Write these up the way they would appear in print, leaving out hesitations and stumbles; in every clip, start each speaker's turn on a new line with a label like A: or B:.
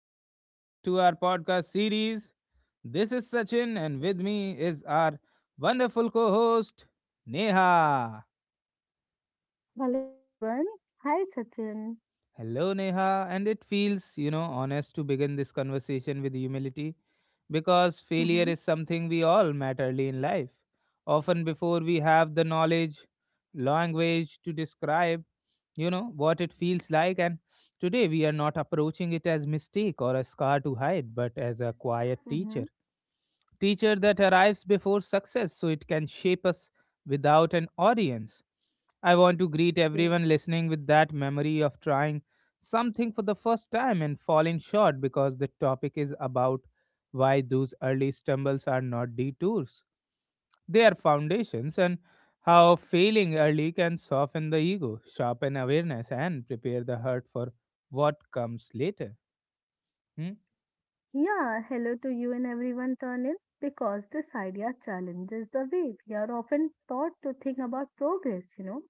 A: welcome back to our podcast series. This is Sachin, and with me is our wonderful co host, Neha.
B: Hello everyone. Hi Sachin.
A: Hello, Neha. And it feels, honest to begin this conversation with humility because failure
B: Mm-hmm.
A: is something we all met early in life, often before we have the knowledge, language to describe, what it feels like. And today we are not approaching it as mistake or a scar to hide, but as a quiet teacher
B: Mm-hmm.
A: teacher that arrives before success so it can shape us without an audience. I want to greet everyone
B: Yeah.
A: listening with that memory of trying something for the first time and falling short because the topic is about why those early stumbles are not detours. They are foundations and how failing early can soften the ego, sharpen awareness, and prepare the heart for what comes later. Hmm?
B: Yeah. Hello to you and everyone turn because this idea challenges the way we are often taught to think about progress, you know.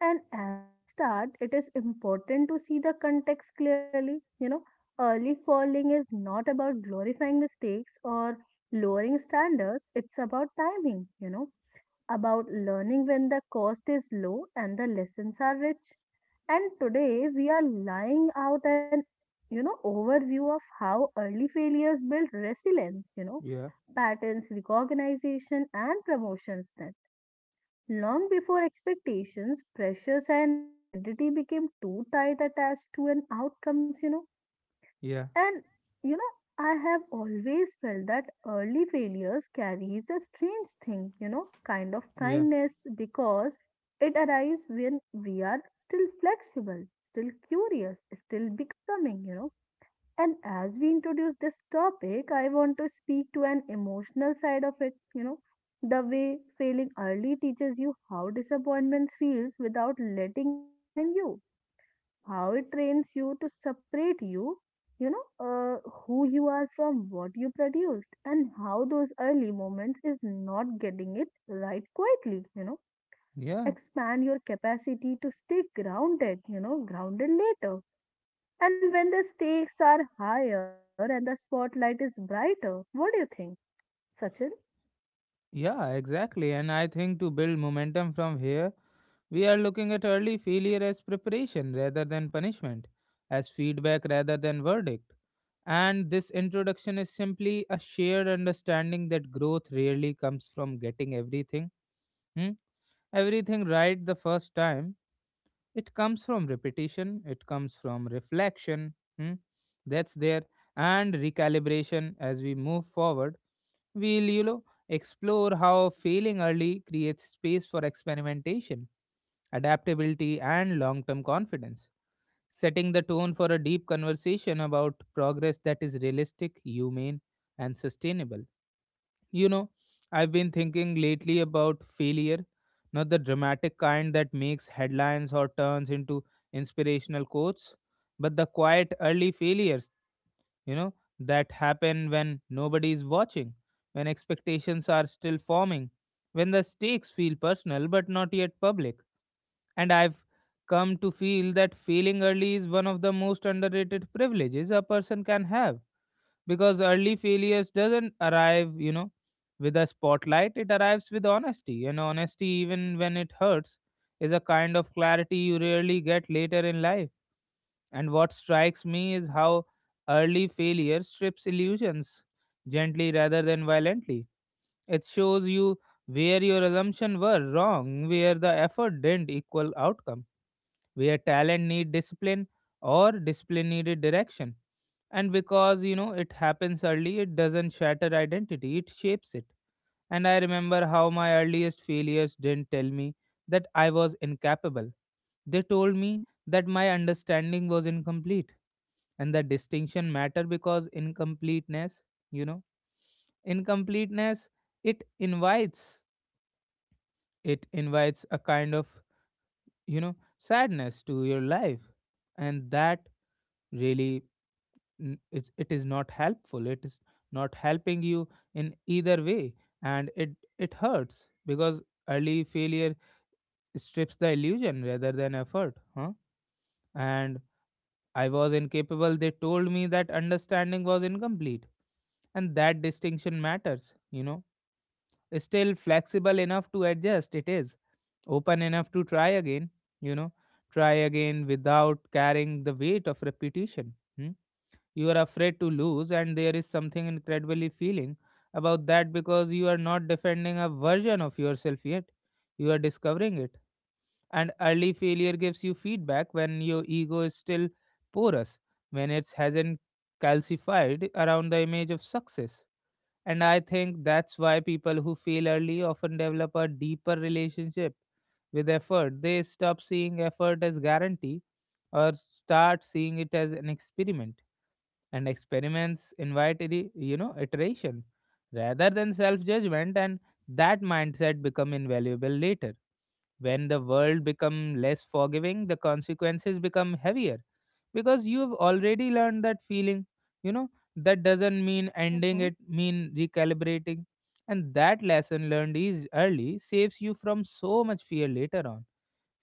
B: And as we start, it is important to see the context clearly. You know, early falling is not about glorifying mistakes or lowering standards, it's about timing, you know about learning when the cost is low and the lessons are rich. And today we are laying out an you know overview of how early failures build resilience, you know,
A: Yeah,
B: patterns, recognition, and promotions then. Long before expectations, pressures, and identity became too tight attached to an outcomes, you know
A: yeah,
B: and you know, I have always felt that early failures carries a strange thing, you know, kind of
A: yeah,
B: kindness because it arrives when we are still flexible, still curious, still becoming, you know. And as we introduce this topic, I want to speak to an emotional side of it, you know, the way failing early teaches you how disappointment feels without letting it define you how it trains you to separate you, who you are from what you produced, and how those early moments is not getting it right quietly, you know.
A: yeah.
B: Expand your capacity to stay grounded, you know, grounded later. And when the stakes are higher and the spotlight is brighter, what do you think, Sachin?
A: Yeah, exactly. And I think to build momentum from here, we are looking at early failure as preparation rather than punishment, as feedback rather than verdict. And this introduction is simply a shared understanding that growth rarely comes from getting hmm, everything right the first time. It comes from repetition. It comes from reflection. hmm, that's there. And recalibration. As we move forward, we'll explore how failing early creates space for experimentation, adaptability, and long-term confidence, setting the tone for a deep conversation about progress that is realistic, humane, and sustainable. you know, I've been thinking lately about failure, not the dramatic kind that makes headlines or turns into inspirational quotes, but the quiet early failures, you know, that happen when nobody is watching, when expectations are still forming, when the stakes feel personal but not yet public. And I've come to feel that failing early is one of the most underrated privileges a person can have, because early failures doesn't arrive with a spotlight. It arrives with honesty, and honesty, even when it hurts, is a kind of clarity you rarely get later in life. And what strikes me is how early failure strips illusions gently rather than violently. It shows you where your assumptions were wrong, where the effort didn't equal outcome, where talent need discipline or discipline needed direction. And because it happens early, it doesn't shatter identity, it shapes it. And I remember how my earliest failures didn't tell me that I was incapable. They told me that my understanding was incomplete. And the distinction matter, because incompleteness, you know incompleteness it invites, it invites a kind of sadness to your life. And that really, it's, it is not helpful. It is not helping you in either way. And it hurts because early failure strips the illusion rather than effort, huh? And I was incapable. They told me that understanding was incomplete. And that distinction matters, you know. Still flexible enough to adjust, it is open enough to try again, you know try again without carrying the weight of repetition. Hmm? You are afraid to lose, and there is something incredibly feeling about that, because you are not defending a version of yourself yet, you are discovering it. And early failure gives you feedback when your ego is still porous, when it hasn't calcified around the image of success. And I think that's why people who fail early often develop a deeper relationship with effort. They stop seeing effort as guarantee, or start seeing it as an experiment. And experiments invite iteration rather than self judgment. And that mindset become invaluable later, when the world become less forgiving, the consequences become heavier, because you've already learned that feeling, you know that doesn't mean ending,
B: Hmm.
A: it mean recalibrating. And that lesson learned is early, saves you from so much fear later on.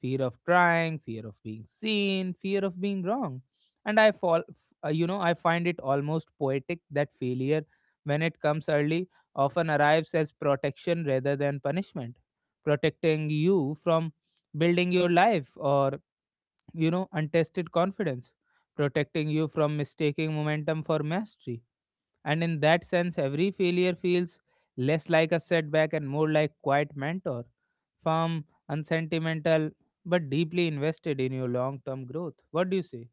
A: Fear of trying, fear of being seen, fear of being wrong. And I fall, I find it almost poetic that failure, when it comes early, often arrives as protection rather than punishment, protecting you from building your life or, untested confidence, protecting you from mistaking momentum for mastery. And in that sense, every failure feels less like a setback and more like quiet mentor, firm, unsentimental, but deeply invested in your long term growth. What do you say?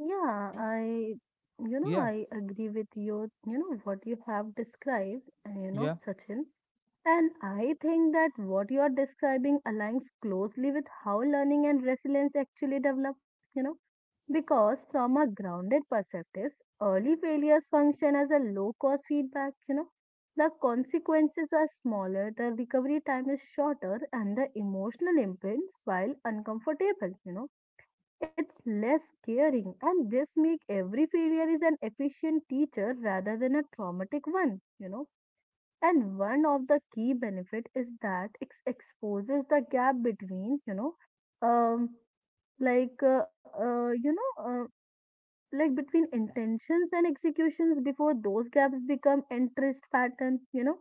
B: Yeah,
A: Hmm?
B: I,
A: Yeah,
B: I agree with you, you know, what you have described, you know,
A: yeah,
B: Sachin. And I think that what you are describing aligns closely with how learning and resilience actually develop, you know, because from a grounded perspective, early failures function as a low cost feedback, you know, the consequences are smaller, the recovery time is shorter, and the emotional imprints, while uncomfortable, you know, it's less scaring, and this make every failure is an efficient teacher rather than a traumatic one, you know and one of the key benefit is that it exposes the gap between you know um you know like between intentions and executions before those gaps become interest pattern you know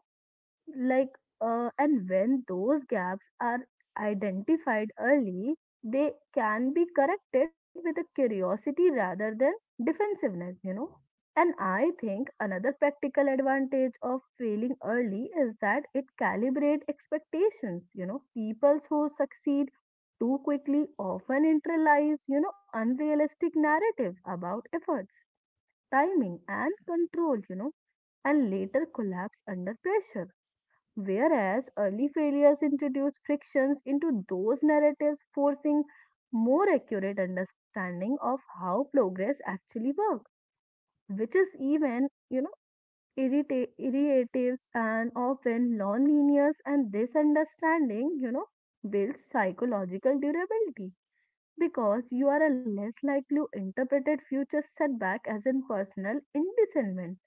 B: like and when those gaps are identified early they can be corrected with a curiosity rather than defensiveness you know and I think another practical advantage of failing early is that it calibrate expectations you know people who succeed too quickly often internalize you know unrealistic narratives about efforts timing and control you know and later collapse under pressure. Whereas early failures introduce frictions into those narratives, forcing more accurate understanding of how progress actually works, which is even, you know, irritative and often non-linear. And this understanding, you know, builds psychological durability because you are a less likely to interpret future setback as in personal indiscernment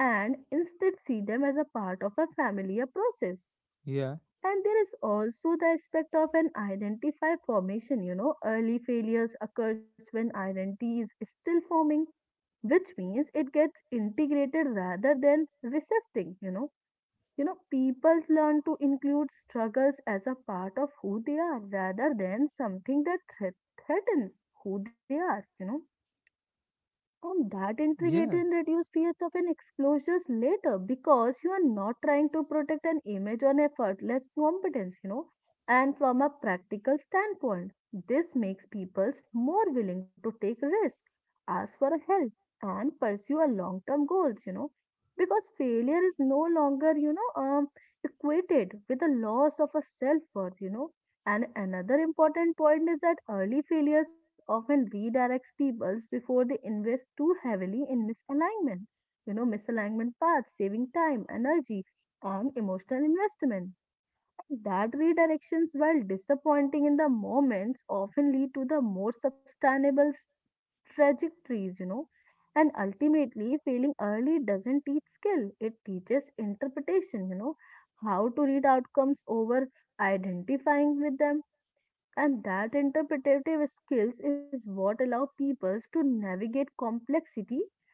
B: and instead see them as a part of a familiar process
A: yeah,
B: and there is also the aspect of an identify formation, you know, early failures occurs when identity is still forming, which means it gets integrated rather than resisting, you know. You know, people learn to include struggles as a part of who they are rather than something that threatens who they are, you know. And that intriguing
A: yeah,
B: reduce fears of an explosions later because you are not trying to protect an image on a effortless competence, you know. And from a practical standpoint, this makes people more willing to take risks, ask for help, and pursue a long-term goals, you know. Because failure is no longer, equated with the loss of a self-worth, you know and another important point is that early failures often redirects peoples before they invest too heavily in misalignment. You know, misalignment paths, saving time, energy, and emotional investment. That redirections, while disappointing in the moments, often lead to the more sustainable trajectories, you know. And ultimately, failing early doesn't teach skill, it teaches interpretation, you know, how to read outcomes over identifying with them and that interpretative skills is what allow people to navigate complexity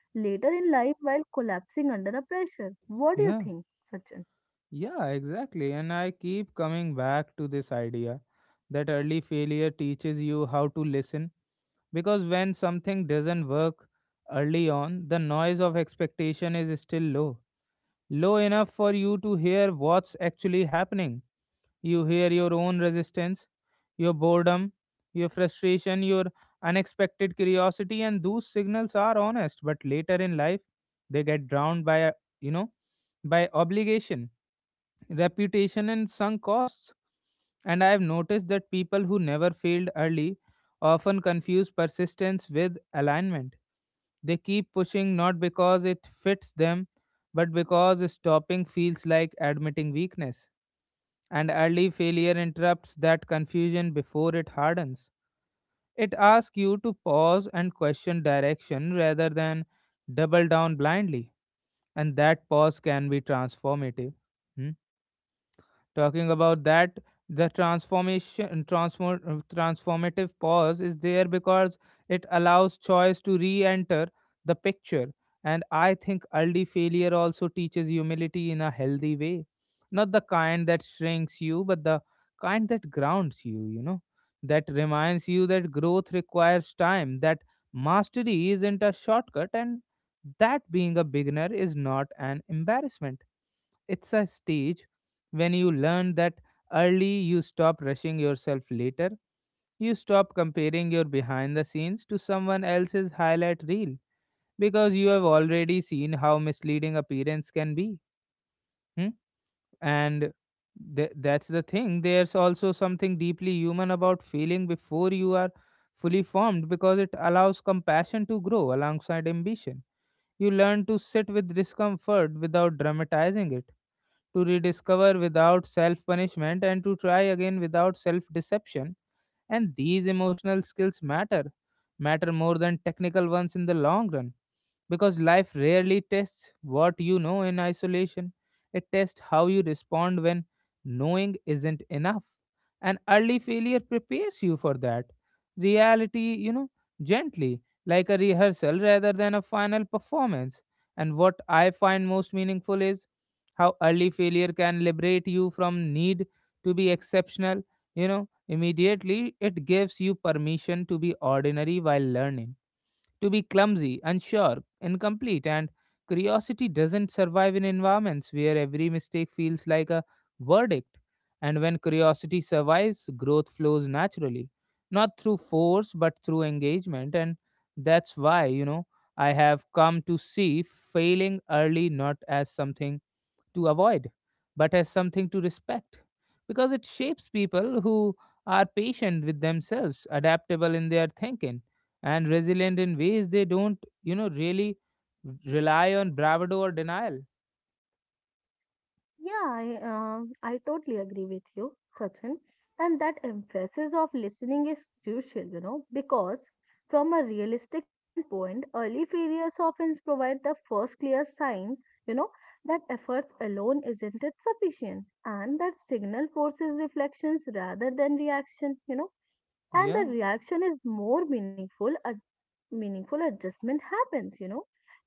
B: later in life while collapsing under a pressure. What do you
A: yeah,
B: think, Sachin?
A: yeah, exactly. And I keep coming back to this idea that early failure teaches you how to listen, because when something doesn't work early on, the noise of expectation is still low, low enough for you to hear what's actually happening. You hear your own resistance, your boredom, your frustration, your unexpected curiosity, and those signals are honest, but later in life they get drowned by a you know by obligation, reputation, and sunk costs. And I have noticed that people who never failed early often confuse persistence with alignment. They keep pushing not because it fits them, but because stopping feels like admitting weakness. And early failure interrupts that confusion before it hardens. It asks you to pause and question direction rather than double down blindly. And that pause can be transformative. Hmm? Talking about that, the transformative pause is there because it allows choice to re-enter the picture. And I think early failure also teaches humility in a healthy way. Not the kind that shrinks you, but the kind that grounds you, you know, that reminds you that growth requires time, that mastery isn't a shortcut, and that being a beginner is not an embarrassment, it's a stage. When you learn that early, you stop rushing yourself later. You stop comparing your behind the scenes to someone else's highlight reel, because you have already seen how misleading appearance can be. Hmm? And that's the thing. There's also something deeply human about feeling before you are fully formed, because it allows compassion to grow alongside ambition. You learn to sit with discomfort without dramatizing it, to rediscover without self punishment, and to try again without self deception. And these emotional skills matter, more than technical ones in the long run, because life rarely tests what you know in isolation. It tests how you respond when knowing isn't enough. And early failure prepares you for that reality, you know, gently, like a rehearsal rather than a final performance. And what I find most meaningful is how early failure can liberate you from need to be exceptional, you know. Immediately, it gives you permission to be ordinary while learning, to be clumsy, unsure, incomplete, and curiosity doesn't survive in environments where every mistake feels like a verdict. And when curiosity survives, growth flows naturally, not through force but through engagement. And that's why, I have come to see failing early not as something to avoid, but as something to respect, because it shapes people who are patient with themselves, adaptable in their thinking, and resilient in ways they don't, really rely on bravado or denial.
B: I totally agree with you, Sachin. And that emphasis of listening is crucial, you know, because from a realistic standpoint, early failures often provide the first clear sign, you know, that efforts alone isn't it sufficient and that signal forces reflections rather than reaction, you know, and
A: Yeah,
B: the reaction is more meaningful meaningful adjustment happens, you know.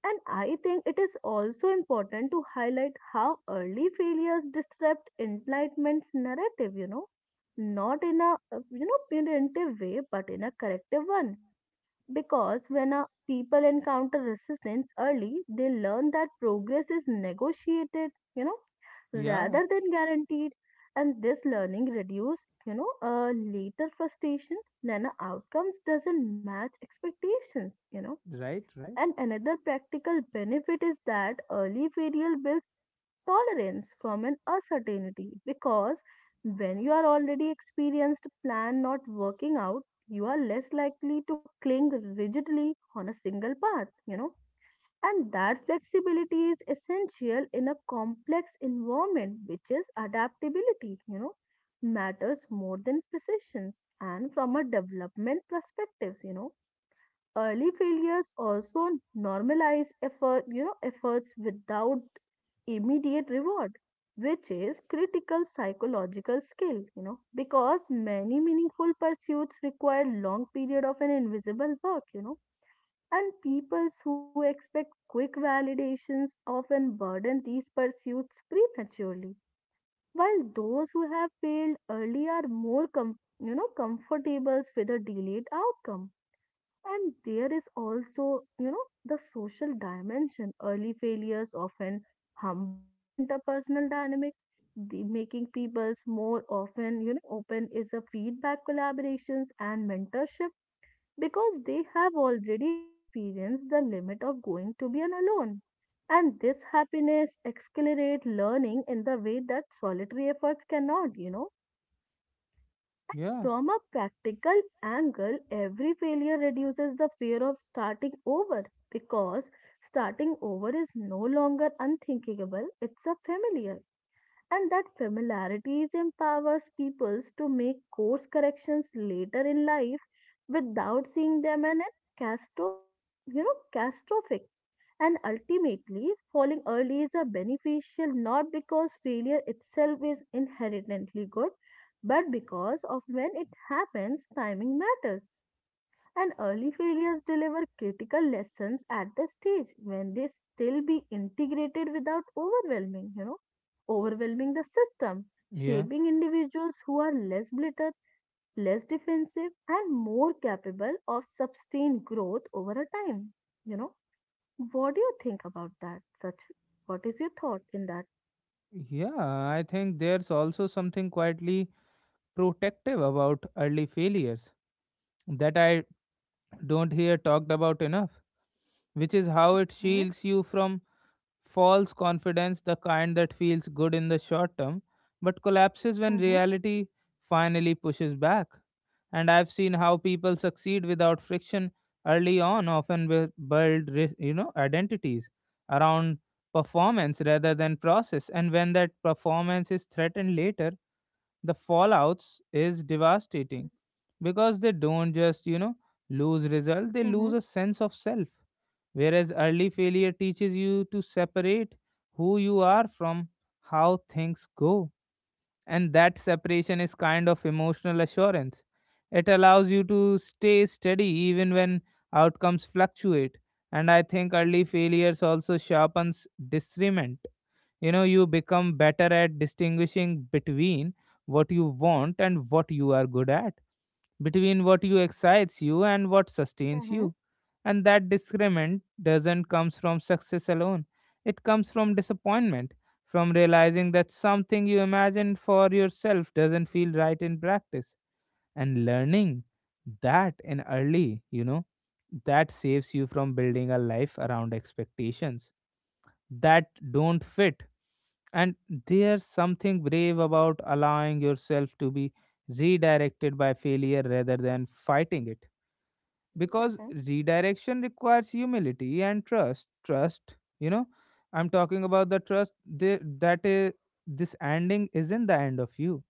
B: And I think it is also important to highlight how early failures disrupt enlightenment's narrative, you know, not in a, you know, punitive way, but in a corrective one because when a people encounter resistance early, they learn that progress is negotiated, you know,
A: yeah,
B: rather than guaranteed. And this learning reduces, later frustrations when outcomes doesn't match expectations, you know
A: right, right.
B: and another practical benefit is that early failure builds tolerance from an uncertainty because when you are already experienced plan not working out, you are less likely to cling rigidly on a single path, you know. And that flexibility is essential in a complex environment, which is adaptability, you know, matters more than precisions. And from a development perspectives, you know, early failures also normalize effort, you know, efforts without immediate reward, which is critical psychological skill, you know, because many meaningful pursuits require long period of an invisible work, you know, and people who expect quick validations often burden these pursuits prematurely, while those who have failed early are more you know comfortable with a delayed outcome and there is also, you know, the social dimension. Early failures often humbles interpersonal dynamic, the making people's more often, you know, open is a feedback collaborations and mentorship because they have already experienced the limit of going to be an alone. And this happiness accelerate learning in the way that solitary efforts cannot, you know.
A: Yeah,
B: From a practical angle, every failure reduces the fear of starting over because starting over is no longer unthinkable, it's a familiar. And that familiarity empowers people to make course corrections later in life without seeing them in a castro, you know, catastrophic and ultimately, falling early is a beneficial not because failure itself is inherently good, but because of when it happens, timing matters. And early failures deliver critical lessons at the stage when they still be integrated without overwhelming, you know, overwhelming the system,
A: yeah,
B: shaping individuals who are less blittered, less defensive, and more capable of sustained growth over a time, you know what do you think about that, Sachin? What is your thought in that?
A: yeah. I think there's also something quietly protective
B: Mm-hmm.
A: about early failures that I don't hear talked about enough, which is how it
B: Okay.
A: shields you from false confidence, the kind that feels good in the short term, but collapses when
B: Mm-hmm.
A: reality finally pushes back. And I've seen how people succeed without friction early on, often build, identities around performance rather than process. And when that performance is threatened later, the fallouts is devastating, because they don't just lose result, they
B: Mm-hmm.
A: lose a sense of self. Whereas early failure teaches you to separate who you are from how things go. And that separation is kind of emotional assurance. It allows you to stay steady even when outcomes fluctuate. And I think early failures also sharpens discernment, you know. You become better at distinguishing between what you want and what you are good at, between what you excites you and what sustains
B: Mm-hmm.
A: you. And that discernment doesn't comes from success alone, it comes from disappointment, from realizing that something you imagined for yourself doesn't feel right in practice. And learning that in early, you know, that saves you from building a life around expectations that don't fit. And there's something brave about allowing yourself to be redirected by failure rather than fighting it. Because
B: Mm-hmm.
A: redirection requires humility and trust. Trust, you know, I'm talking about the trust that is, this ending isn't the end of you,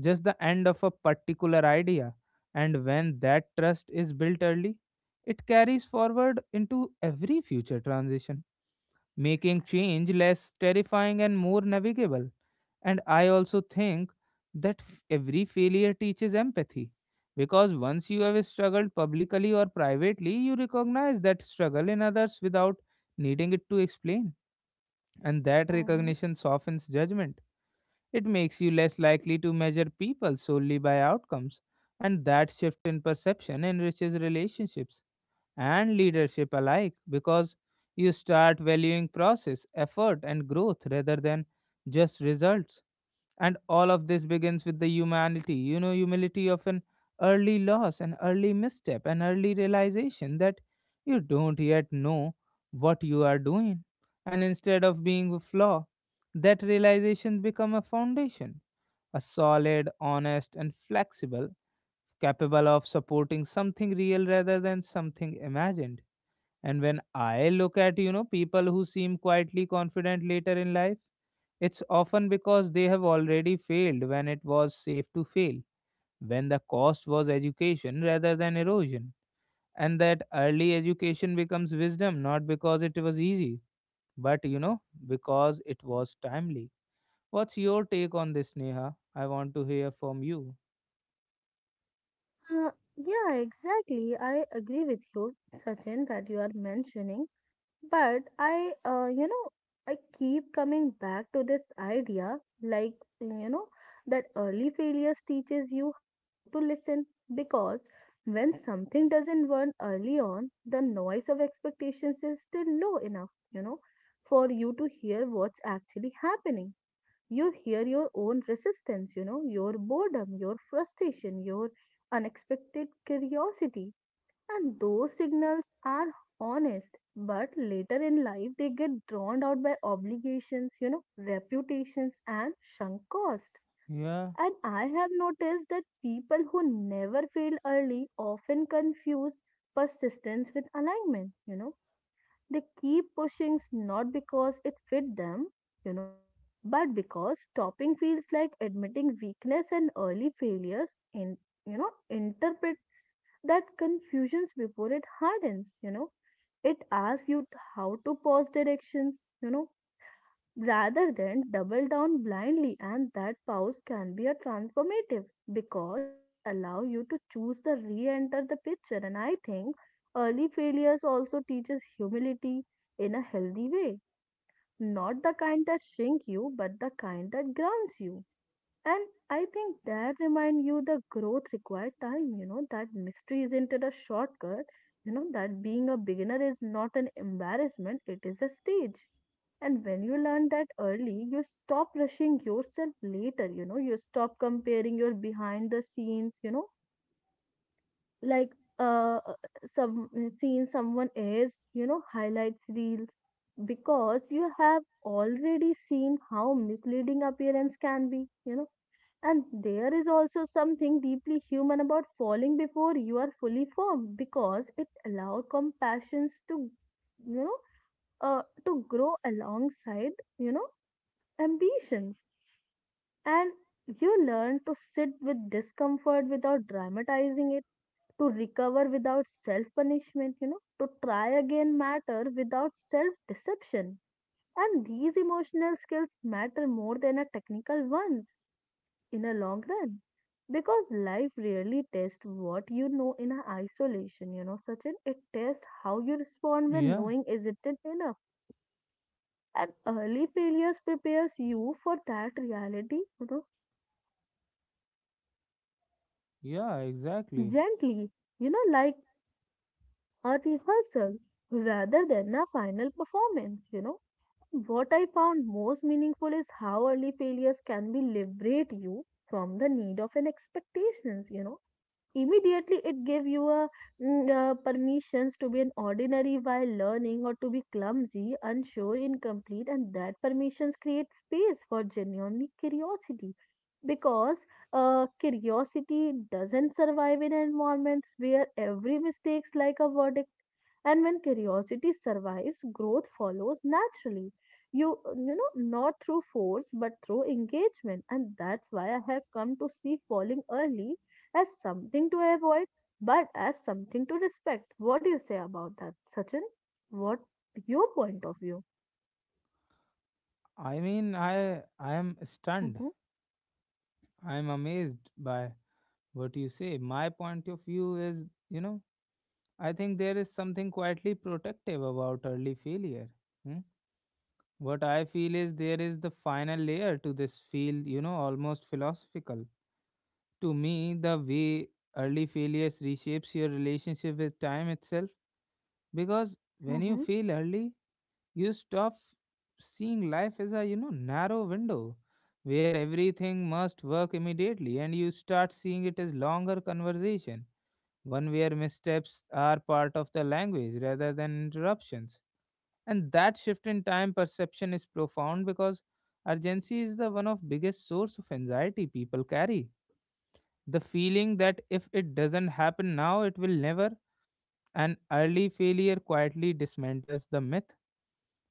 A: just the end of a particular idea. And when that trust is built early, it carries forward into every future transition, making change less terrifying and more navigable. And I also think that every failure teaches empathy. Because once you have struggled publicly or privately, you recognize that struggle in others without needing it to explain. And that
B: Mm-hmm.
A: recognition softens judgment. It makes you less likely to measure people solely by outcomes. And that shift in perception enriches relationships and leadership alike because you start valuing process, effort, and growth rather than just results. And all of this begins with the humanity humility of an early loss, an early misstep, an early realization that you don't yet know what you are doing. And instead of being a flaw, that realization become a foundation, a solid, honest and flexible, capable of supporting something real rather than something imagined. And when I look at, people who seem quietly confident later in life, it's often because they have already failed when it was safe to fail, when the cost was education rather than erosion. And that early education becomes wisdom, not because it was easy, but because it was timely. What's your take on this, Neha? I want to hear from you.
B: Uh, yeah, exactly. I agree with you, Sachin, that you are mentioning. But you know, I keep coming back to this idea like, you know, that early failures teaches you how to listen because when something doesn't work early on, the noise of expectations is still low enough, you know, for you to hear what's actually happening. You hear your own resistance, you know, your boredom, your frustration, your unexpected curiosity and those signals are honest, but later in life they get drowned out by obligations, you know, reputations, and sunk cost.
A: Yeah,
B: And I have noticed that people who never fail early often confuse persistence with alignment, you know. They keep pushing not because it fit them, you know, but because stopping feels like admitting weakness and early failures in, you know, interprets that confusions before it hardens, you know. It asks you how to pause directions, you know rather than double down blindly and that pause can be a transformative because it allows you to choose the re-enter the picture and I think early failures also teaches humility in a healthy way not the kind that shrink you but the kind that grounds you and I think that remind you the growth required time, you know, that mystery isn't it a shortcut, you know, that being a beginner is not an embarrassment, it is a stage. And when you learn that early, you stop rushing yourself later, you know, you stop comparing your behind the scenes, you know, like uh uh, some seen someone else you know highlights reels because you have already seen how misleading appearance can be you know and there is also something deeply human about falling before you are fully formed because it allows compassions to, you know, to grow alongside, you know, ambitions. And you learn to sit with discomfort without dramatizing it to recover without self punishment, you know, to try again matter without self deception. And these emotional skills matter more than a technical ones in a long run because life really tests what you know in a isolation, you know, Sachin. It tests how you respond when
A: yeah,
B: knowing isn't enough. And early failures prepares you for that reality, you know,
A: yeah, exactly.
B: gently you know like a rehearsal rather than a final performance, you know. What I found most meaningful is how early failures can be liberate you from the need of an expectations, immediately it gave you a permissions to be an ordinary while learning or to be clumsy unsure incomplete, and that permissions create space for genuine curiosity. Because curiosity doesn't survive in environments where every mistake's like a verdict. And when curiosity survives growth follows naturally, you not through force but through engagement. And that's why I have come to see falling early as something to avoid, but as something to respect. What do you say about that, Sachin? What your point of view?
A: I mean, I am stunned.
B: Hmm.
A: I am amazed by what you say. My point of view is, you know, I think there is something quietly protective about early failure. Hmm? What I feel is there is the final layer to this field, you know, almost philosophical. To me, the way early failures reshapes your relationship with time itself, because when
B: Mm-hmm.
A: you fail early, you stop seeing life as a, you know, narrow window where everything must work immediately, and you start seeing it as longer conversation, one where missteps are part of the language rather than interruptions. And that shift in time perception is profound because urgency is the one of biggest source of anxiety people carry. The feeling that if it doesn't happen now, it will never. An early failure quietly dismantles the myth.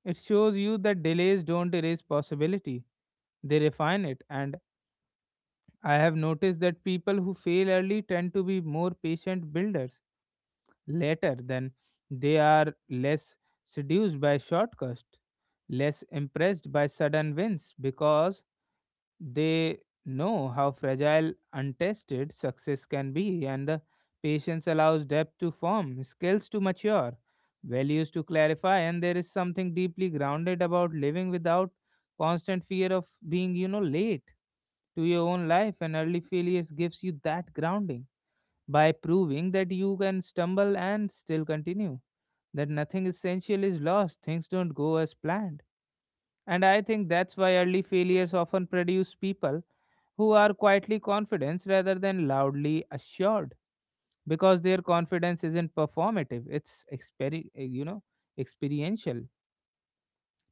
A: It shows you that delays don't erase possibility, they refine it. And I have noticed that people who fail early tend to be more patient builders later, then they are less seduced by shortcuts, less impressed by sudden wins because they know how fragile untested success can be. And the patience allows depth to form, skills to mature, values to clarify. And there is something deeply grounded about living without constant fear of being, you know, late to your own life, and early failures gives you that grounding by proving that you can stumble and still continue, that nothing essential is lost, things don't go as planned. And I think that's why early failures often produce people who are quietly confident rather than loudly assured, because their confidence isn't performative, you know, experiential.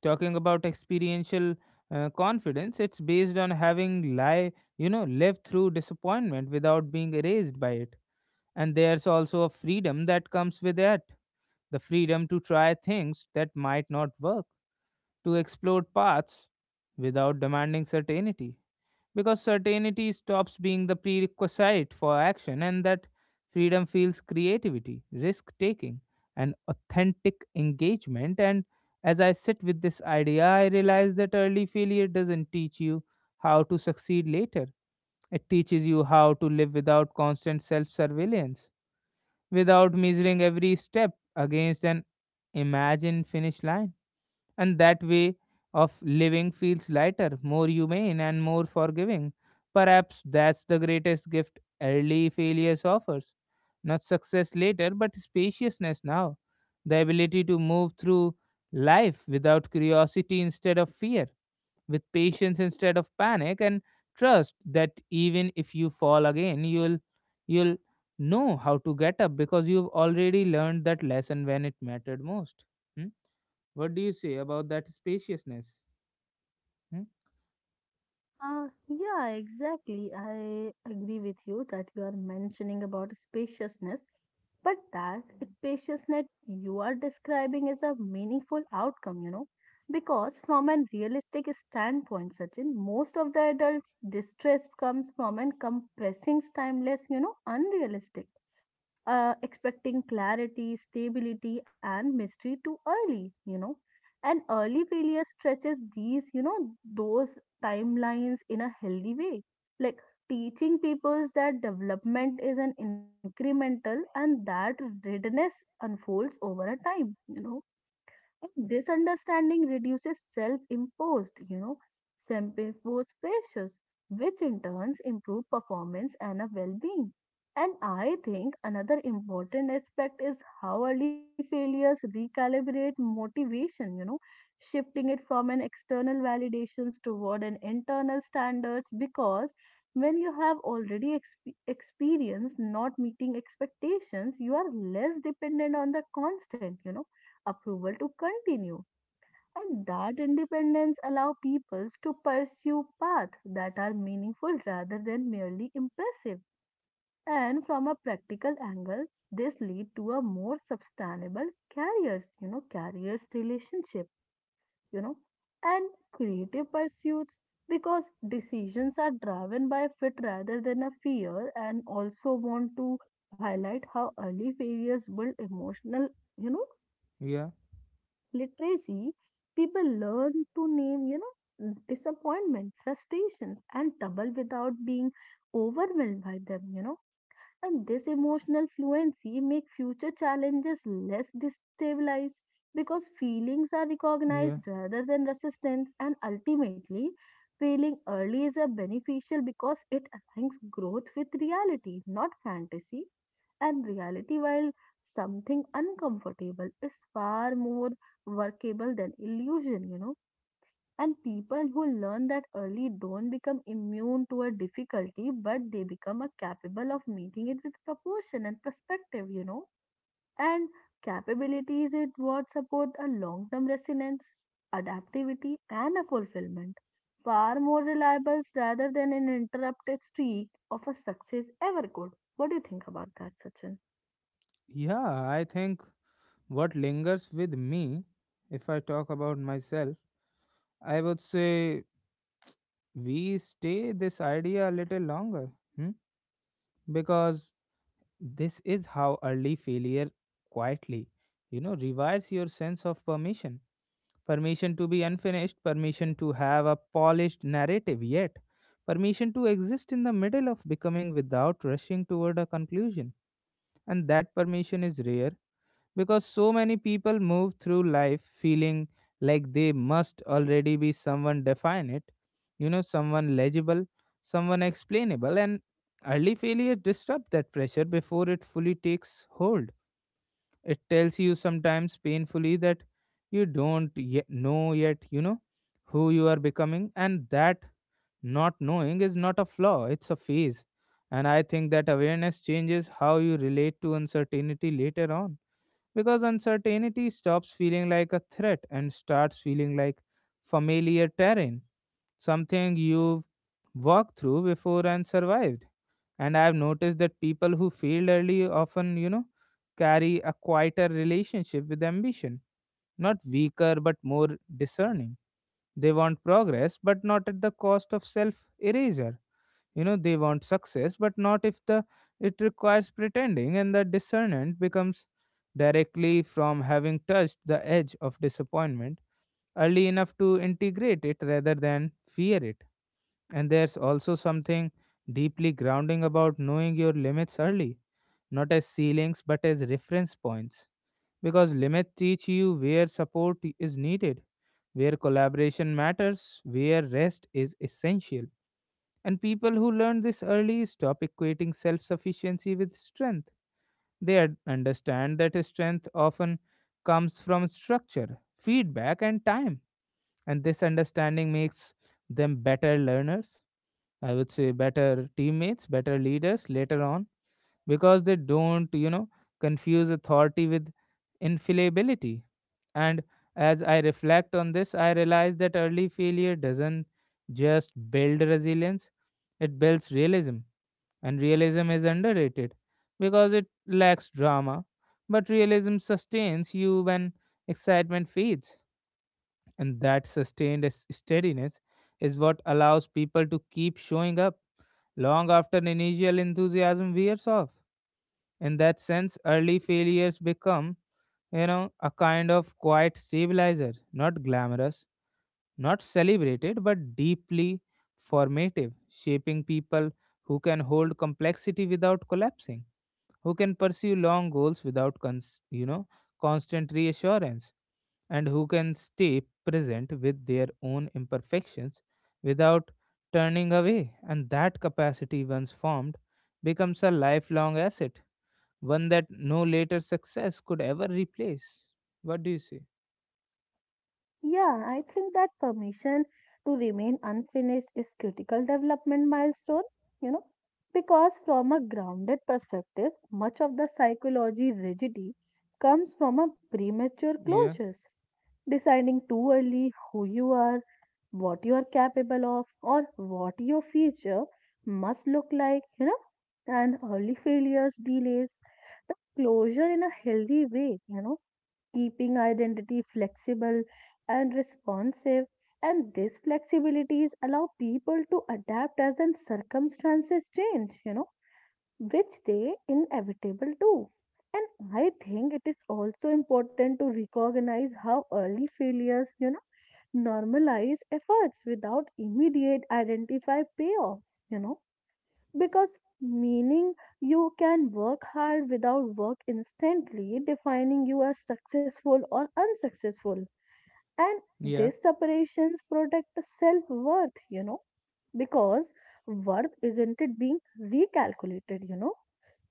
A: Talking about experiential confidence, it's based on having lie you know, lived through disappointment without being erased by it. And there's also a freedom that comes with it, the freedom to try things that might not work, to explore paths without demanding certainty. Because certainty stops being the prerequisite for action, and that freedom feels creativity, risk taking, and authentic engagement. And as I sit with this idea, I realize that early failure doesn't teach you how to succeed later, it teaches you how to live without constant self surveillance, without measuring every step against an imagined finish line. And that way of living feels lighter, more humane, and more forgiving. Perhaps that's the greatest gift early failures offers. Not success later, but spaciousness now. The ability to move through life without curiosity instead of fear, with patience instead of panic, and trust that even if you fall again, you'll know how to get up because you've already learned that lesson when it mattered most. Hmm? What do you say about that spaciousness? Hmm?
B: Yeah, exactly. I agree with you that you are mentioning about spaciousness, but that spaciousness you are describing is a meaningful outcome, because from a realistic standpoint, Sachin, most of the adults' distress comes from an compressing, timeless, unrealistic expecting clarity, stability, and mystery too early, And early failure stretches these, those timelines in a healthy way. Like teaching people that development is an incremental and that readiness unfolds over a time, and this understanding reduces self imposed, self imposed pressures, which in turns improve performance and a well being. And I think another important aspect is how early failures recalibrate motivation, shifting it from an external validations toward an internal standards, because when you have already experienced not meeting expectations, you are less dependent on the constant, approval to continue. And that independence allow peoples to pursue paths that are meaningful rather than merely impressive. And from a practical angle, this lead to a more sustainable careers, careers relationship, you know, and creative pursuits, because decisions are driven by fit rather than a fear. And also want to highlight how early failures build emotional you know
A: yeah
B: literacy. People learn to name, disappointment, frustrations, and trouble without being overwhelmed by them, And this emotional fluency make future challenges less destabilized, because feelings are
A: yeah
B: recognized rather than resistance. And ultimately failing early is a beneficial because it aligns growth with reality, not fantasy. And reality, while something uncomfortable, is far more workable than illusion, and people who learn that early don't become immune to a difficulty, but they become a capable of meeting it with proportion and perspective, And capability is it what support a long-term resilience, adaptivity, and a fulfillment, far more reliable rather than an interrupted streak of a success ever could. What do you think about that, Sachin?
A: yeah, I think what lingers with me, if I talk about myself, I would say we stay this idea a little longer. Hmm? Because this is how early failure quietly, you know, rewires your sense of permission. Permission to be unfinished, permission to have a polished narrative yet, permission to exist in the middle of becoming without rushing toward a conclusion. And that permission is rare because so many people move through life feeling like they must already be someone definite, you know, someone legible, someone explainable. And early failure disrupt that pressure before it fully takes hold. It tells you, sometimes painfully, that you don't yet know yet, you know, who you are becoming, and that not knowing is not a flaw, it's a phase. And I think that awareness changes how you relate to uncertainty later on, because uncertainty stops feeling like a threat and starts feeling like familiar terrain, something you've walked through before and survived. And I've noticed that people who failed early often, you know, carry a quieter relationship with ambition, not weaker but more discerning. They want progress, but not at the cost of self erasure. You know, they want success, but not if the it requires pretending. And the discernment becomes directly from having touched the edge of disappointment early enough to integrate it rather than fear it. And there's also something deeply grounding about knowing your limits early, not as ceilings but as reference points, because limits teach you where support is needed, where collaboration matters, where rest is essential. And people who learn this early stop equating self sufficiency with strength. Understand that strength often comes from structure, feedback, and time. And this understanding makes them better learners, I would say better teammates, better leaders later on, because they don't, you know, confuse authority with infallibility. And as I reflect on this, I realize that early failure doesn't just build resilience, it builds realism, and realism is underrated because it lacks drama, but realism sustains you when excitement fades. And that sustained steadiness is what allows people to keep showing up long after initial enthusiasm wears off. In that sense, early failures become, you know, a kind of quiet stabilizer, not glamorous, not celebrated, but deeply formative, shaping people who can hold complexity without collapsing, who can pursue long goals without you know, constant reassurance, and who can stay present with their own imperfections without turning away. And that capacity, once formed, becomes a lifelong asset, one that no later success could ever replace. What do you say?
B: Yeah, I think that permission to remain unfinished is critical development milestone, you know, because from a grounded perspective, much of the psychology rigidity comes from a premature
A: yeah
B: closures, deciding too early who you are, what you are capable of, or what your future must look like, and early failures delays the closure in a healthy way, keeping identity flexible and responsive. And these flexibilities allow people to adapt as and circumstances change, which they inevitable do. And I think it is also important to recognize how early failures, normalize efforts without immediate identify payoff, you know, because meaning you can work hard without work instantly defining you as successful or unsuccessful. And
A: yeah
B: these separations protect the self worth, because worth isn't it being recalculated,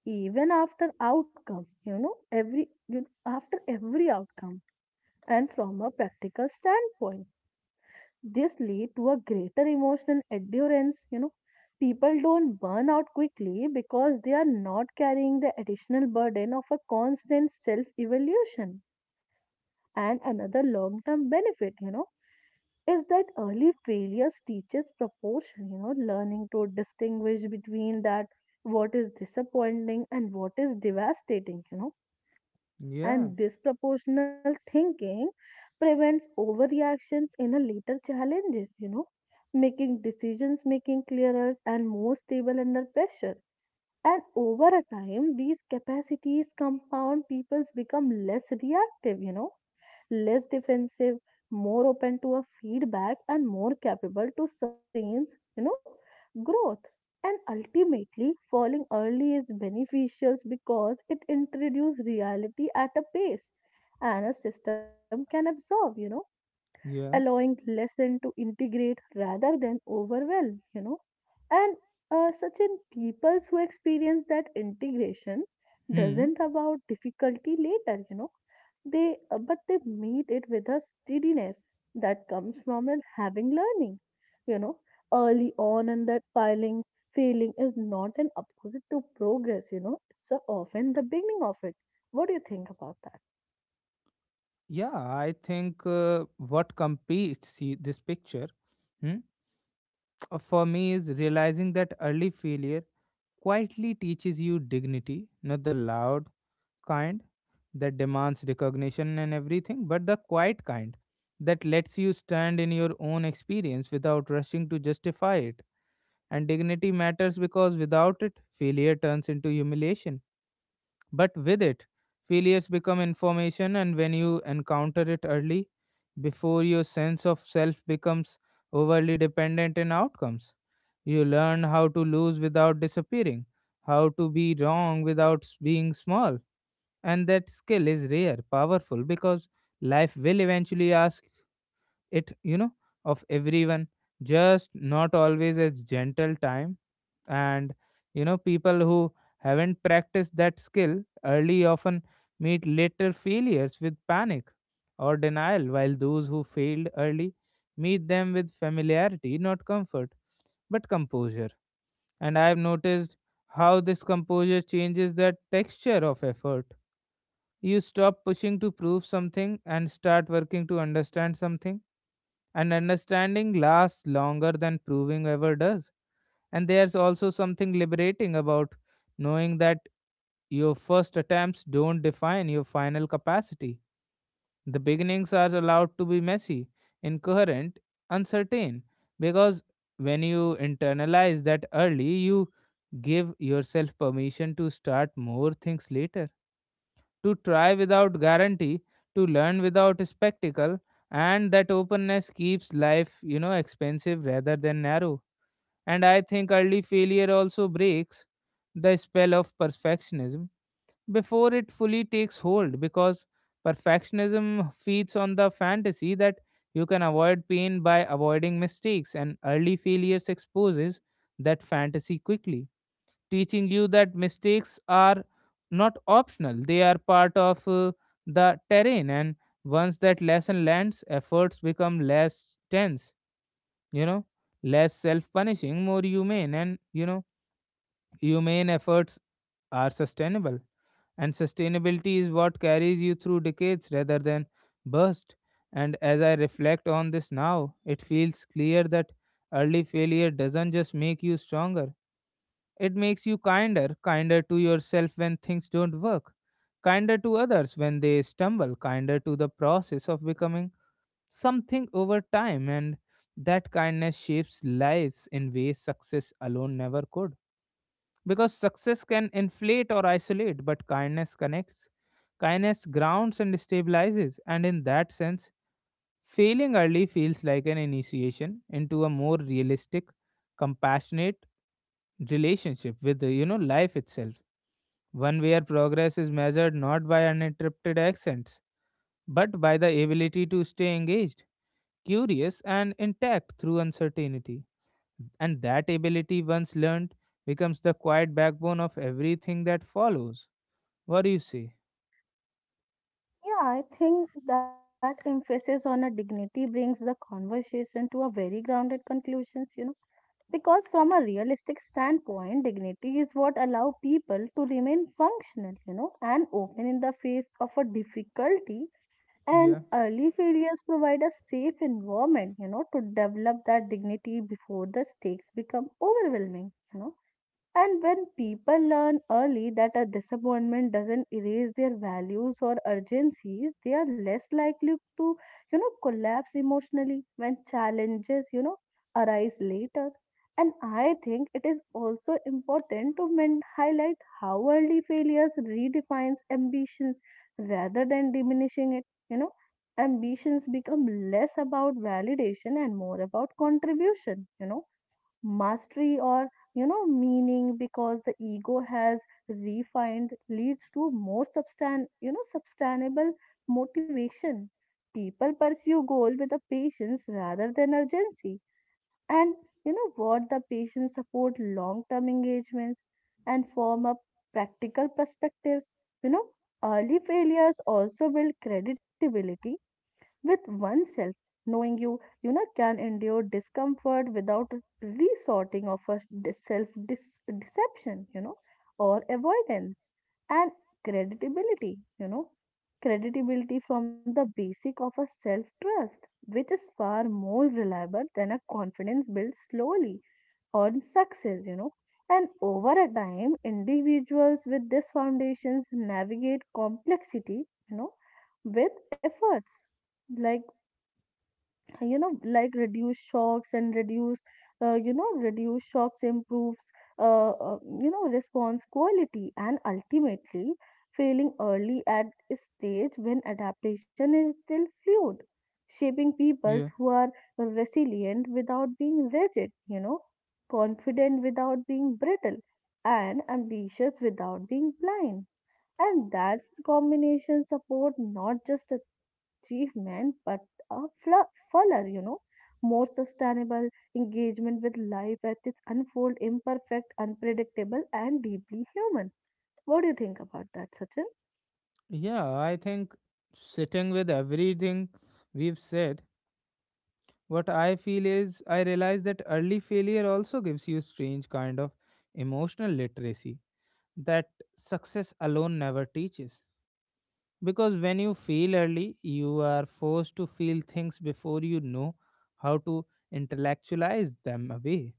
B: even after outcome, every you, after every outcome. And from a practical standpoint, this lead to a greater emotional endurance, people don't burn out quickly because they are not carrying the additional burden of a constant self evaluation. And another long term benefit, is that early failures teaches proportion, learning to distinguish between that what is disappointing and what is devastating,
A: yeah
B: and disproportional thinking prevents overreactions in a later challenges, making decisions making clearer and more stable under pressure. And over a time, these capacities compound, peoples become less reactive, less defensive, more open to a feedback, and more capable to sustain, you know, growth. And ultimately, falling early is beneficial because it introduces reality at a pace and a system can absorb,
A: yeah
B: allowing lesson to integrate rather than overwhelm, and such in peoples who experience that integration
A: Hmm.
B: doesn't about difficulty later, they but they meet it with a steadiness that comes from an having learning, you know early on, and that filing failing is not an opposite to progress, it's often the beginning of it. What do you think about that?
A: Yeah, I think what completes see this picture. Hmm. For me is realizing that early failure quietly teaches you dignity, not the loud kind that demands recognition and everything, but the quiet kind that lets you stand in your own experience without rushing to justify it. And dignity matters because without it, failure turns into humiliation, but with it, failures become information. And when you encounter it early, before your sense of self becomes overly dependent in outcomes, you learn how to lose without disappearing, how to be wrong without being small. And that skill is rare, powerful, because life will eventually ask it, you know, of everyone, just not always as gentle time. And you know, people who haven't practiced that skill early often meet later failures with panic or denial, while those who failed early meet them with familiarity, not comfort, but composure. And I have noticed how this composure changes the texture of effort. You stop pushing to prove something and start working to understand something, and understanding lasts longer than proving ever does. And there's also something liberating about knowing that your first attempts don't define your final capacity. The beginnings are allowed to be messy, incoherent, uncertain, because when you internalize that early, you give yourself permission to start more things later, to try without guarantee, to learn without spectacle, and that openness keeps life, you know, expensive rather than narrow. And I think early failure also breaks the spell of perfectionism before it fully takes hold, because perfectionism feeds on the fantasy that you can avoid pain by avoiding mistakes, and early failures exposes that fantasy quickly, teaching you that mistakes are not optional, they are part of, the terrain. And once that lesson lands, efforts become less tense, you know, less self-punishing, more humane. And you know, humane efforts are sustainable, and sustainability is what carries you through decades rather than burst. And as I reflect on this now, it feels clear that early failure doesn't just make you stronger, it makes you kinder, kinder to yourself when things don't work, kinder to others when they stumble, kinder to the process of becoming something over time. And that kindness shapes lives in ways success alone never could, because success can inflate or isolate, but kindness connects, kindness grounds and stabilizes. And in that sense, failing early feels like an initiation into a more realistic, compassionate relationship with the, you know, life itself, one where progress is measured not by uninterrupted accents but by the ability to stay engaged, curious, and intact through uncertainty. And that ability, once learned, becomes the quiet backbone of everything that follows. What do you say?
B: Yeah, I think that emphasis on a dignity brings the conversation to a very grounded conclusions, because from a realistic standpoint, dignity is what allow people to remain functional, and open in the face of a difficulty, and
A: Yeah,
B: early failures provide a safe environment, to develop that dignity before the stakes become overwhelming, And when people learn early that a disappointment doesn't erase their values or urgencies, they are less likely to, collapse emotionally when challenges, arise later. And I think it is also important to highlight how early failures redefines ambitions rather than diminishing it. You know, ambitions become less about validation and more about contribution. Mastery or meaning, because the ego has refined leads to more substan sustainable motivation. People pursue goal with a patience rather than urgency, and what the patients support long term engagements. And form up practical perspectives, you know early failures also build credibility with oneself, knowing you you know can endure discomfort without resorting of a self deception, or avoidance. And credibility, you know credibility from the basic of a self trust, which is far more reliable than a confidence built slowly on success, And over a time, individuals with these foundations navigate complexity, you know, with efforts. Like like reduce shocks and reduce reduce shocks improves uh, uh, response quality. And ultimately failing early at a stage when adaptation is still fluid shaping peoples
A: yeah,
B: who are resilient without being rigid, confident without being brittle, and ambitious without being blind. And that's the combination support not just achievement but a fuller, more sustainable engagement with life at its unfold, imperfect, unpredictable, and deeply human. What do you think about that, Sachin?
A: Yeah, I think sitting with everything we've said, what I feel is I realize that early failure also gives you a strange kind of emotional literacy that success alone never teaches. Because when you feel early, you are forced to feel things before you know how to intellectualize them away.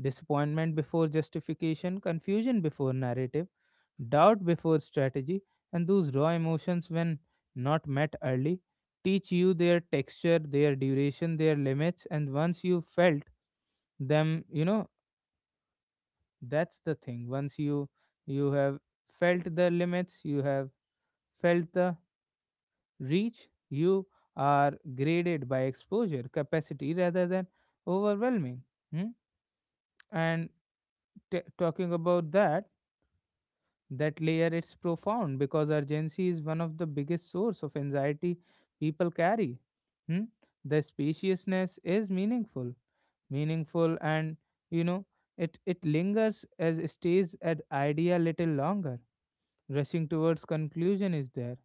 A: Disappointment before justification, confusion before narrative, doubt before strategy, and those raw emotions, when not met early, teach you their texture, their duration, their limits. And once you felt them, you know, that's the thing. Once you have felt the limits, you have felt the reach, you are graded by exposure capacity rather than overwhelming. Hmm? And talking about that layer it's profound because urgency is one of the biggest source of anxiety people carry. hmm? The spaciousness is meaningful, meaningful, and you know it lingers as stays at idea little longer, rushing towards conclusion is there,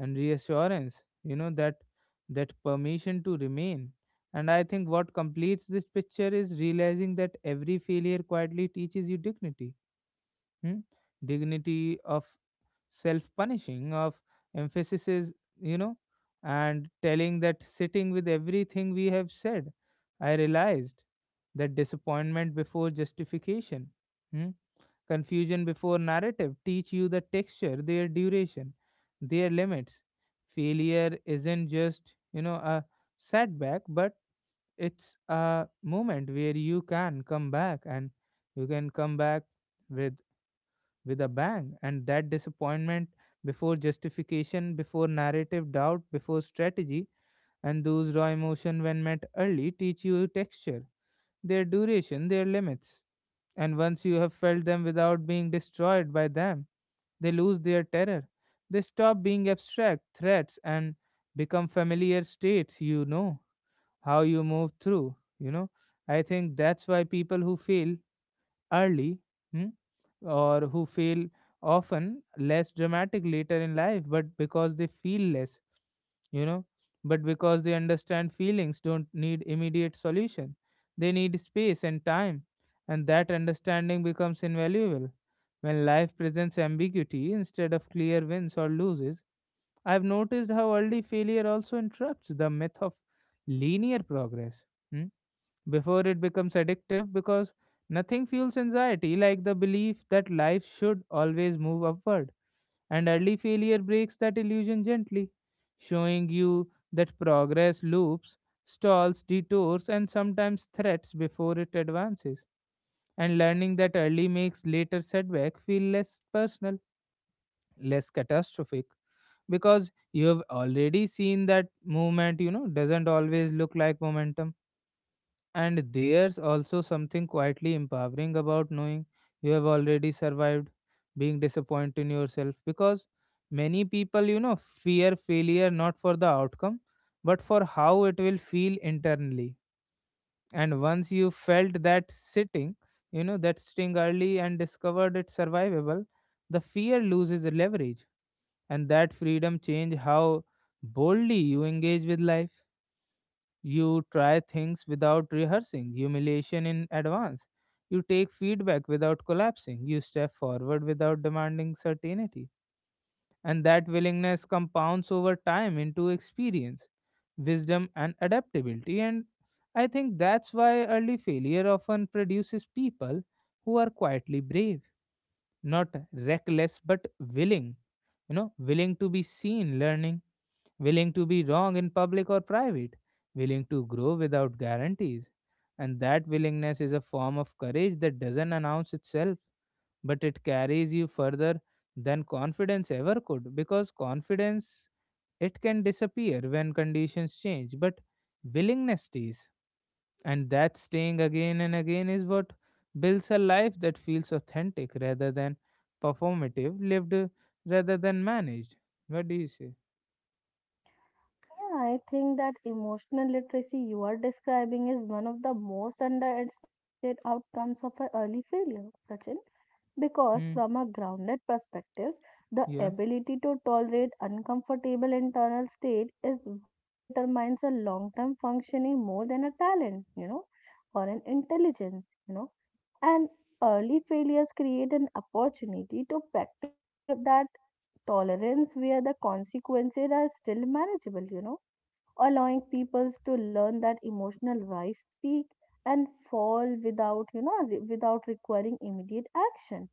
A: and reassurance, you know, that that permission to remain. And I think what completes this picture is realizing that every failure quietly teaches you dignity. hmm? Dignity of self punishing of emphasis is, you know, and telling that sitting with everything we have said, I realized that disappointment before justification. Hmm. Confusion before narrative teach you the texture, their duration, their limits. Failure isn't just, you know, a setback, but it's a moment where you can come back and you can come back with with a bang, and that disappointment before justification before narrative, doubt before strategy, and those raw emotion when met early teach you texture, their duration, their limits. And once you have felt them without being destroyed by them, they lose their terror. They stop being abstract threats and become familiar states, you know how you move through, you know. I think that's why people who fail early, hmm, or who fail often less dramatic later in life, but because they feel less, you know, but because they understand feelings don't need immediate solution. They need space and time, and that understanding becomes invaluable. When life presents ambiguity instead of clear wins or loses, I've noticed how early failure also interrupts the myth of linear progress. Hmm. Before it becomes addictive, because nothing fuels anxiety like the belief that life should always move upward. And early failure breaks that illusion gently, showing you that progress loops, stalls, detours, and sometimes threats before it advances. And learning that early makes later setback feel less personal, less catastrophic, because you have already seen that movement, you know, doesn't always look like momentum. And there's also something quietly empowering about knowing you have already survived being disappointed in yourself, because many people, you know, fear failure not for the outcome but for how it will feel internally. And once you felt that sitting, you know, that sting early and discovered it survivable, the fear loses leverage, and that freedom change how boldly you engage with life. You try things without rehearsing humiliation in advance. You take feedback without collapsing. You step forward without demanding certainty. And that willingness compounds over time into experience, wisdom, and adaptability. And I think that's why early failure often produces people who are quietly brave, not reckless, but willing, you know, willing to be seen, learning, willing to be wrong in public or private, willing to grow without guarantees. And that willingness is a form of courage that doesn't announce itself, but it carries you further than confidence ever could, because confidence it can disappear when conditions change, but willingness stays. And that staying again and again is what builds a life that feels authentic rather than performative, lived rather than managed. What do you say?
B: Yeah, I think that emotional literacy you are describing is one of the most underestimated outcomes of an early failure, Sachin. Because
A: Hmm.
B: from a grounded perspective, the
A: Yeah.
B: ability to tolerate uncomfortable internal state is what determines a long-term functioning more than a talent, or an intelligence, And early failures create an opportunity to practice though that tolerance where the consequences are still manageable, allowing people to learn that emotional rise, peak, and fall without, without requiring immediate action,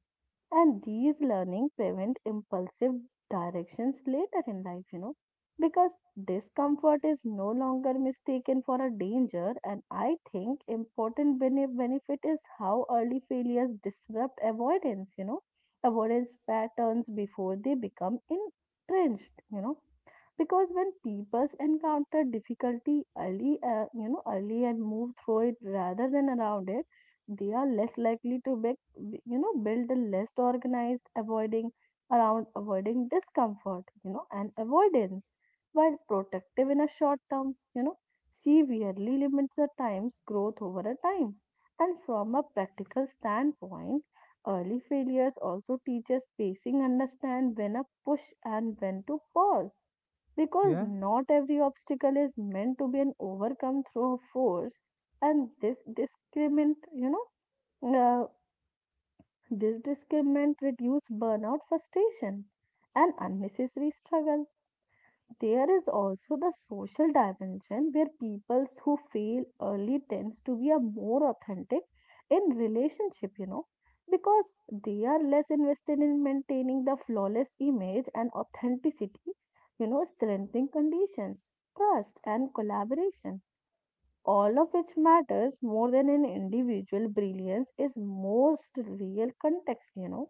B: and these learning prevent impulsive directions later in life, because discomfort is no longer mistaken for a danger. And I think important benefit is how early failures disrupt avoidance, avoidance patterns before they become entrenched, because when people encounter difficulty early, early and move through it rather than around it, they are less likely to make build a less organized avoiding around avoiding discomfort, and avoidance, while protective in a short term, severely limits the time's growth over a time. And from a practical standpoint, early failures also teaches pacing, understand when a push and when to pause, because
A: Yeah.
B: not every obstacle is meant to be an overcome through a force. And this discriminant, now, this discernment reduces burnout, frustration, and unnecessary struggle. There is also the social dimension where people who fail early tends to be a more authentic in relationship, because they are less invested in maintaining the flawless image, and authenticity, strengthening conditions, trust, and collaboration, all of which matters more than an individual brilliance is most real context,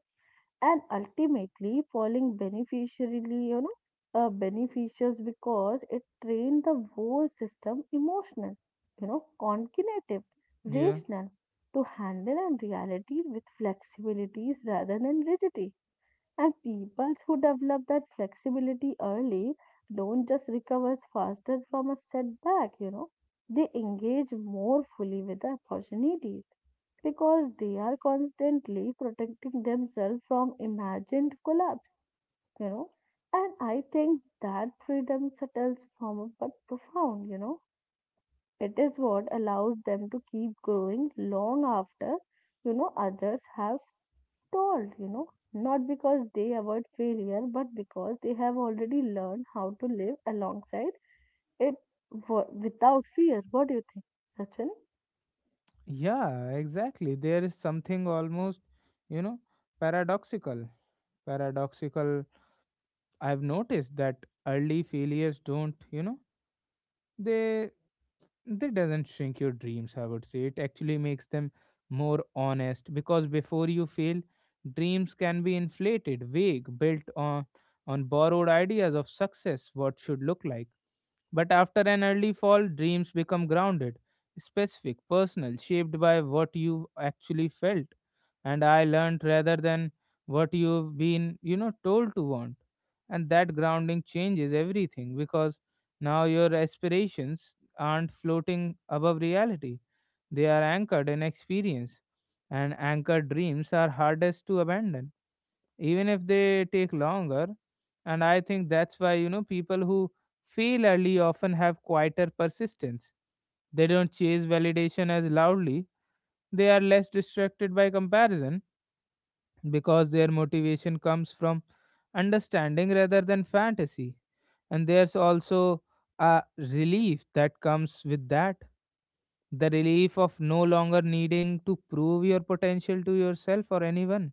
B: and ultimately falling beneficially, beneficials because it trained the whole system emotional, cognitive,
A: Yeah,
B: rational, to handle and reality with flexibilities rather than rigidity. And people who develop that flexibility early don't just recover faster from a setback, they engage more fully with the opportunities, because they are constantly protecting themselves from imagined collapse, you know. And I think that freedom settles from but profound, it is what allows them to keep growing long after, others have stalled, not because they avoid failure, but because they have already learned how to live alongside it without fear. What do you think, Sachin?
A: yeah, exactly. There is something almost, you know, paradoxical. Paradoxical. I've noticed that early failures don't, you know, they they doesn't shrink your dreams. I would say it actually makes them more honest, because before you fail, dreams can be inflated, vague, built on borrowed ideas of success, what should look like. But after an early fall, dreams become grounded, specific, personal, shaped by what you actually felt. And I learned rather than what you've been, you know, told to want. And that grounding changes everything because now your aspirations aren't floating above reality. They are anchored in experience, and anchored dreams are hardest to abandon, even if they take longer. And I think that's why, you know, people who fail early often have quieter persistence. They don't chase validation as loudly, they are less distracted by comparison, because their motivation comes from understanding rather than fantasy. And there's also a relief that comes with that, the relief of no longer needing to prove your potential to yourself or anyone,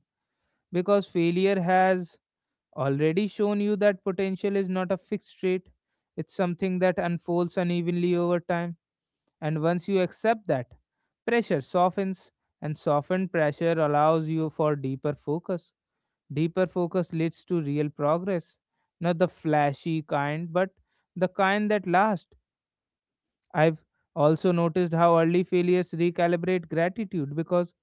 A: because failure has already shown you that potential is not a fixed rate, it's something that unfolds unevenly over time. And once you accept that, pressure softens, and softened pressure allows you for deeper focus. Deeper focus leads to real progress, not the flashy kind, but the kind that lasts. I've also noticed how early failures recalibrate gratitude, because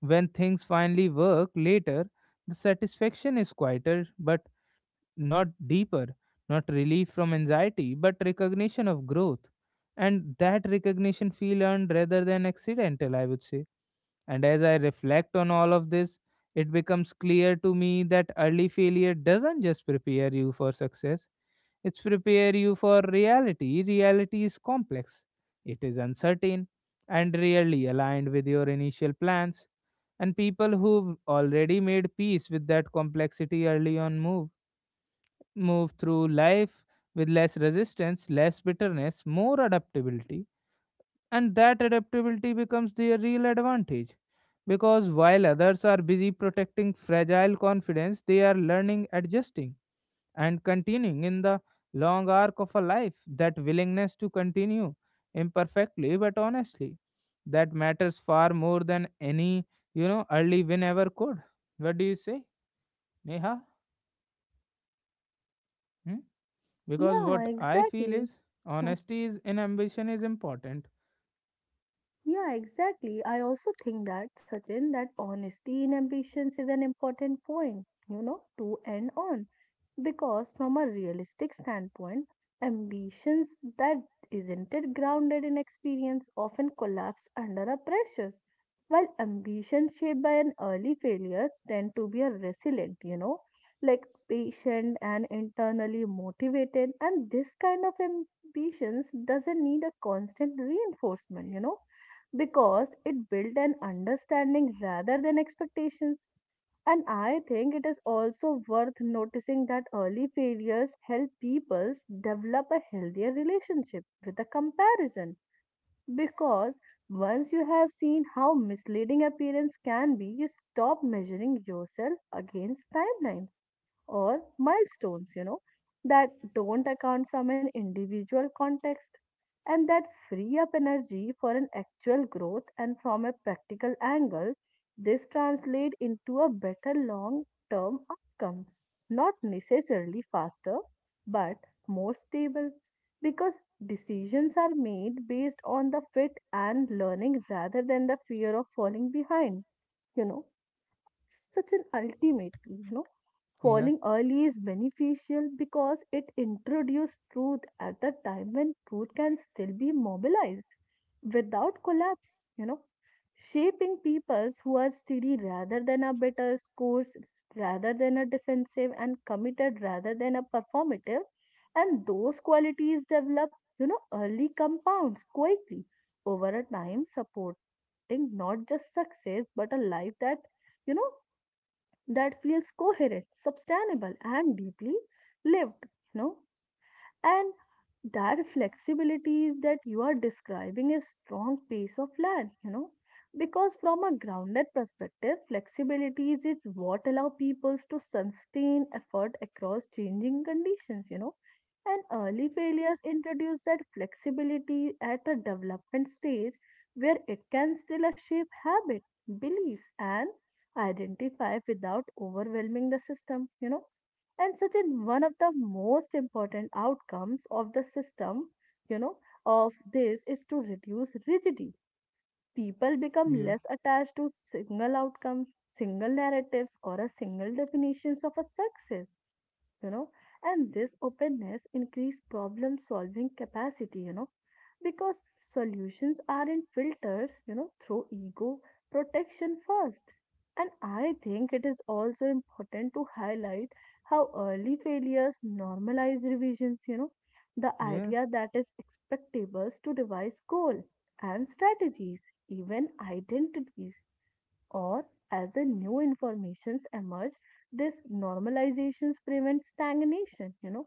A: when things finally work later, the satisfaction is quieter but not deeper, not relief from anxiety, but recognition of growth. And that recognition feel earned rather than accidental, I would say. And as I reflect on all of this, it becomes clear to me that early failure doesn't just prepare you for success, it's prepare you for reality. Reality is complex, it is uncertain, and rarely aligned with your initial plans. And people who've already made peace with that complexity early on move through life with less resistance, less bitterness, more adaptability, and that adaptability becomes their real advantage. Because while others are busy protecting fragile confidence, they are learning, adjusting, and continuing in the long arc of a life. That willingness to continue imperfectly but honestly, that matters far more than any, you know, early win ever could. What do you say, Neha? Hmm? Because
B: Yeah,
A: what I feel
B: exactly.
A: is
B: Hmm.
A: honesty is in ambition is important.
B: Yeah, exactly. I also think that, Sachin, that honesty in ambitions is an important point, to end on. Because from a realistic standpoint, ambitions that isn't it grounded in experience often collapse under a pressures, while ambitions shaped by an early failures tend to be a resilient, like patient and internally motivated, and this kind of ambitions doesn't need a constant reinforcement, because it built an understanding rather than expectations and I think it is also worth noticing that early failures help people develop a healthier relationship with the comparison. Because once you have seen how misleading appearance can be, you stop measuring yourself against timelines or milestones, that don't account from an individual context and that free up energy for an actual growth and from a practical angle this translates into a better long term outcomes not necessarily faster but more stable because decisions are made based on the fit and learning rather than the fear of falling behind you know such an ultimate you know
A: yeah
B: Falling early is beneficial because it introduces truth at the time when truth can still be mobilized without collapse, shaping peoples who are steady rather than a bitter scores, rather than a defensive and committed rather than a performative. And those qualities develop, early compounds quietly over a time, supporting not just success but a life you know, that feels coherent, sustainable, and deeply lived. You know, and that flexibility that you are describing is strong piece of land, because from a grounded perspective, flexibility is it's what allow peoples to sustain effort across changing conditions. And early failures introduce that flexibility at a development stage where it can still shape habit, beliefs, and identify without overwhelming the system, you know and such an one of the most important outcomes of the system you know of this is to reduce rigidity. People become
A: yeah
B: less attached to single outcomes, single narratives, or a single definitions of a success you know and this openness increase problem solving capacity, because solutions aren't filters through ego protection first. And I think it is also important to highlight how early failures normalize revisions, the
A: yeah
B: idea that is expectables to revise goal and strategies, even identities, or as the new informations emerge, this normalizations prevents stagnation,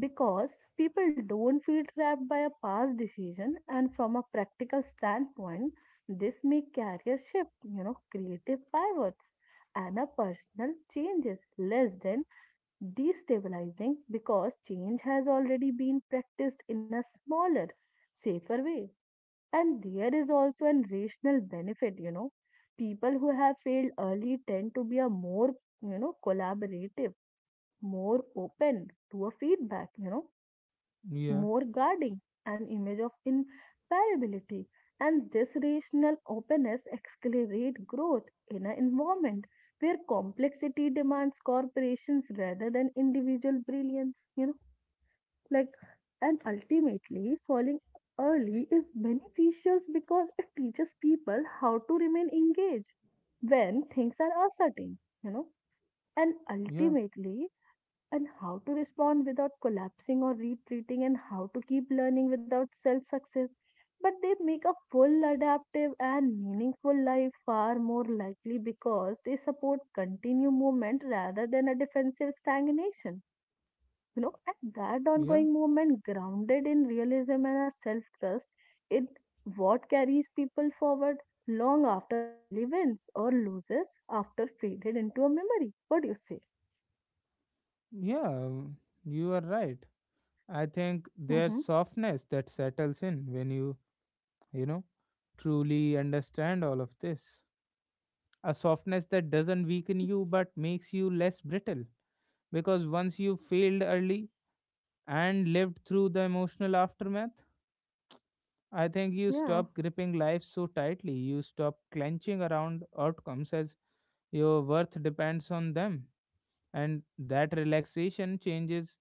B: because people don't feel trapped by a past decision and from a practical standpoint this may career shift, creative pivots and a personal changes less than destabilizing because change has already been practiced in a smaller safer way. And there is also an rational benefit, you know. People who have failed early tend to be a more, collaborative, more open to a feedback,
A: yeah
B: more guarding, an image of infallibility. And this rational openness accelerates growth in an environment where complexity demands corporations rather than individual brilliance, you know. Like, and ultimately, falling early is beneficial because it teaches people how to remain engaged when things are uncertain, you know, and
A: yeah
B: ultimately, and how to respond without collapsing or retreating, and how to keep learning without self success. But they make a full, adaptive, and meaningful life far more likely because they support continued movement rather than a defensive stagnation. And that
A: yeah
B: ongoing movement, grounded in realism and a self trust, it what carries people forward long after early wins or losses after faded into a memory. What do you say?
A: yeah you are right. I think there's
B: Mm-hmm.
A: softness that settles in when you know, truly understand all of this, a softness that doesn't weaken you but makes you less brittle. Because once you failed early and lived through the emotional aftermath, I think you
B: Yeah.
A: stop gripping life so tightly. You stop clenching around outcomes as your worth depends on them. And that relaxation changes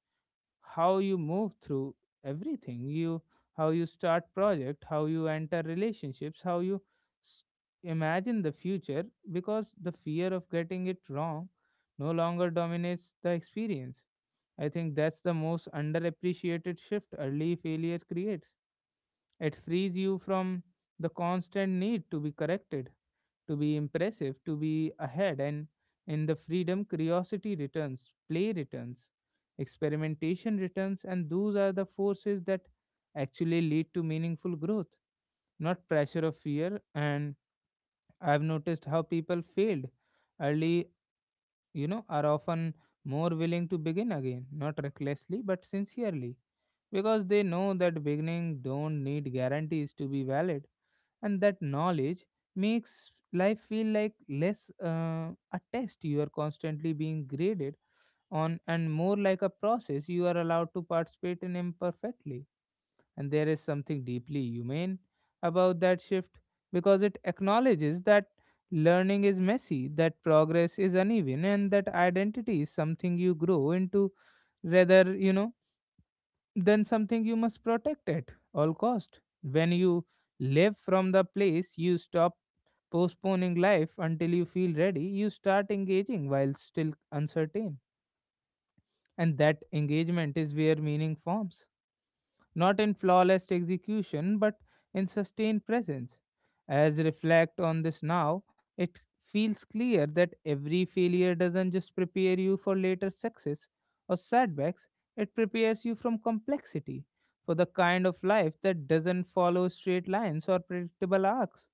A: how you move through everything. You how you start project, how you enter relationships, how you s- imagine the future, because the fear of getting it wrong no longer dominates the experience. I think that's the most underappreciated shift early failure creates, it frees you from the constant need to be corrected, to be impressive, to be ahead, and in the freedom, curiosity returns, play returns, experimentation returns, and those are the forces that actually lead to meaningful growth, not pressure of fear. And I've noticed how people failed early, you know, are often more willing to begin again, not recklessly, but sincerely, because they know that beginning don't need guarantees to be valid. And that knowledge makes life feel like less a test you are constantly being graded on, and more like a process you are allowed to participate in imperfectly. And there is something deeply humane about that shift, because it acknowledges that learning is messy, that progress is uneven, and that identity is something you grow into rather, you know, than something you must protect at all cost. When you live from the place, you stop postponing life until you feel ready, you start engaging while still uncertain. And that engagement is where meaning forms, not in flawless execution, but in sustained presence. As reflect on this now, it feels clear that every failure doesn't just prepare you for later success or setbacks, it prepares you from complexity for the kind of life that doesn't follow straight lines or predictable arcs.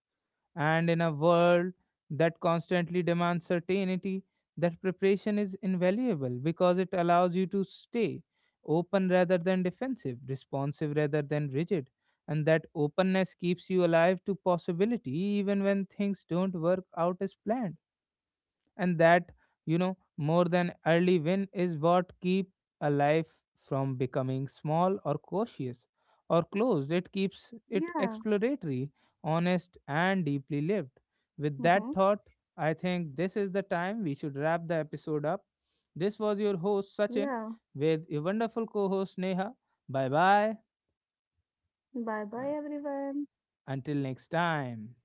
A: And in a world that constantly demands certainty, that preparation is invaluable because it allows you to stay open rather than defensive, responsive rather than rigid. And that openness keeps you alive to possibility even when things don't work out as planned. And that, you know, more than early win is what keep a life from becoming small or cautious or closed, it keeps it
B: Yeah.
A: exploratory, honest, and deeply lived. With
B: Mm-hmm.
A: that thought, I think this is the time we should wrap the episode up. This was your host Sachin,
B: Yeah.
A: with your wonderful co-host Neha. Bye bye.
B: Bye bye, everyone.
A: Until next time.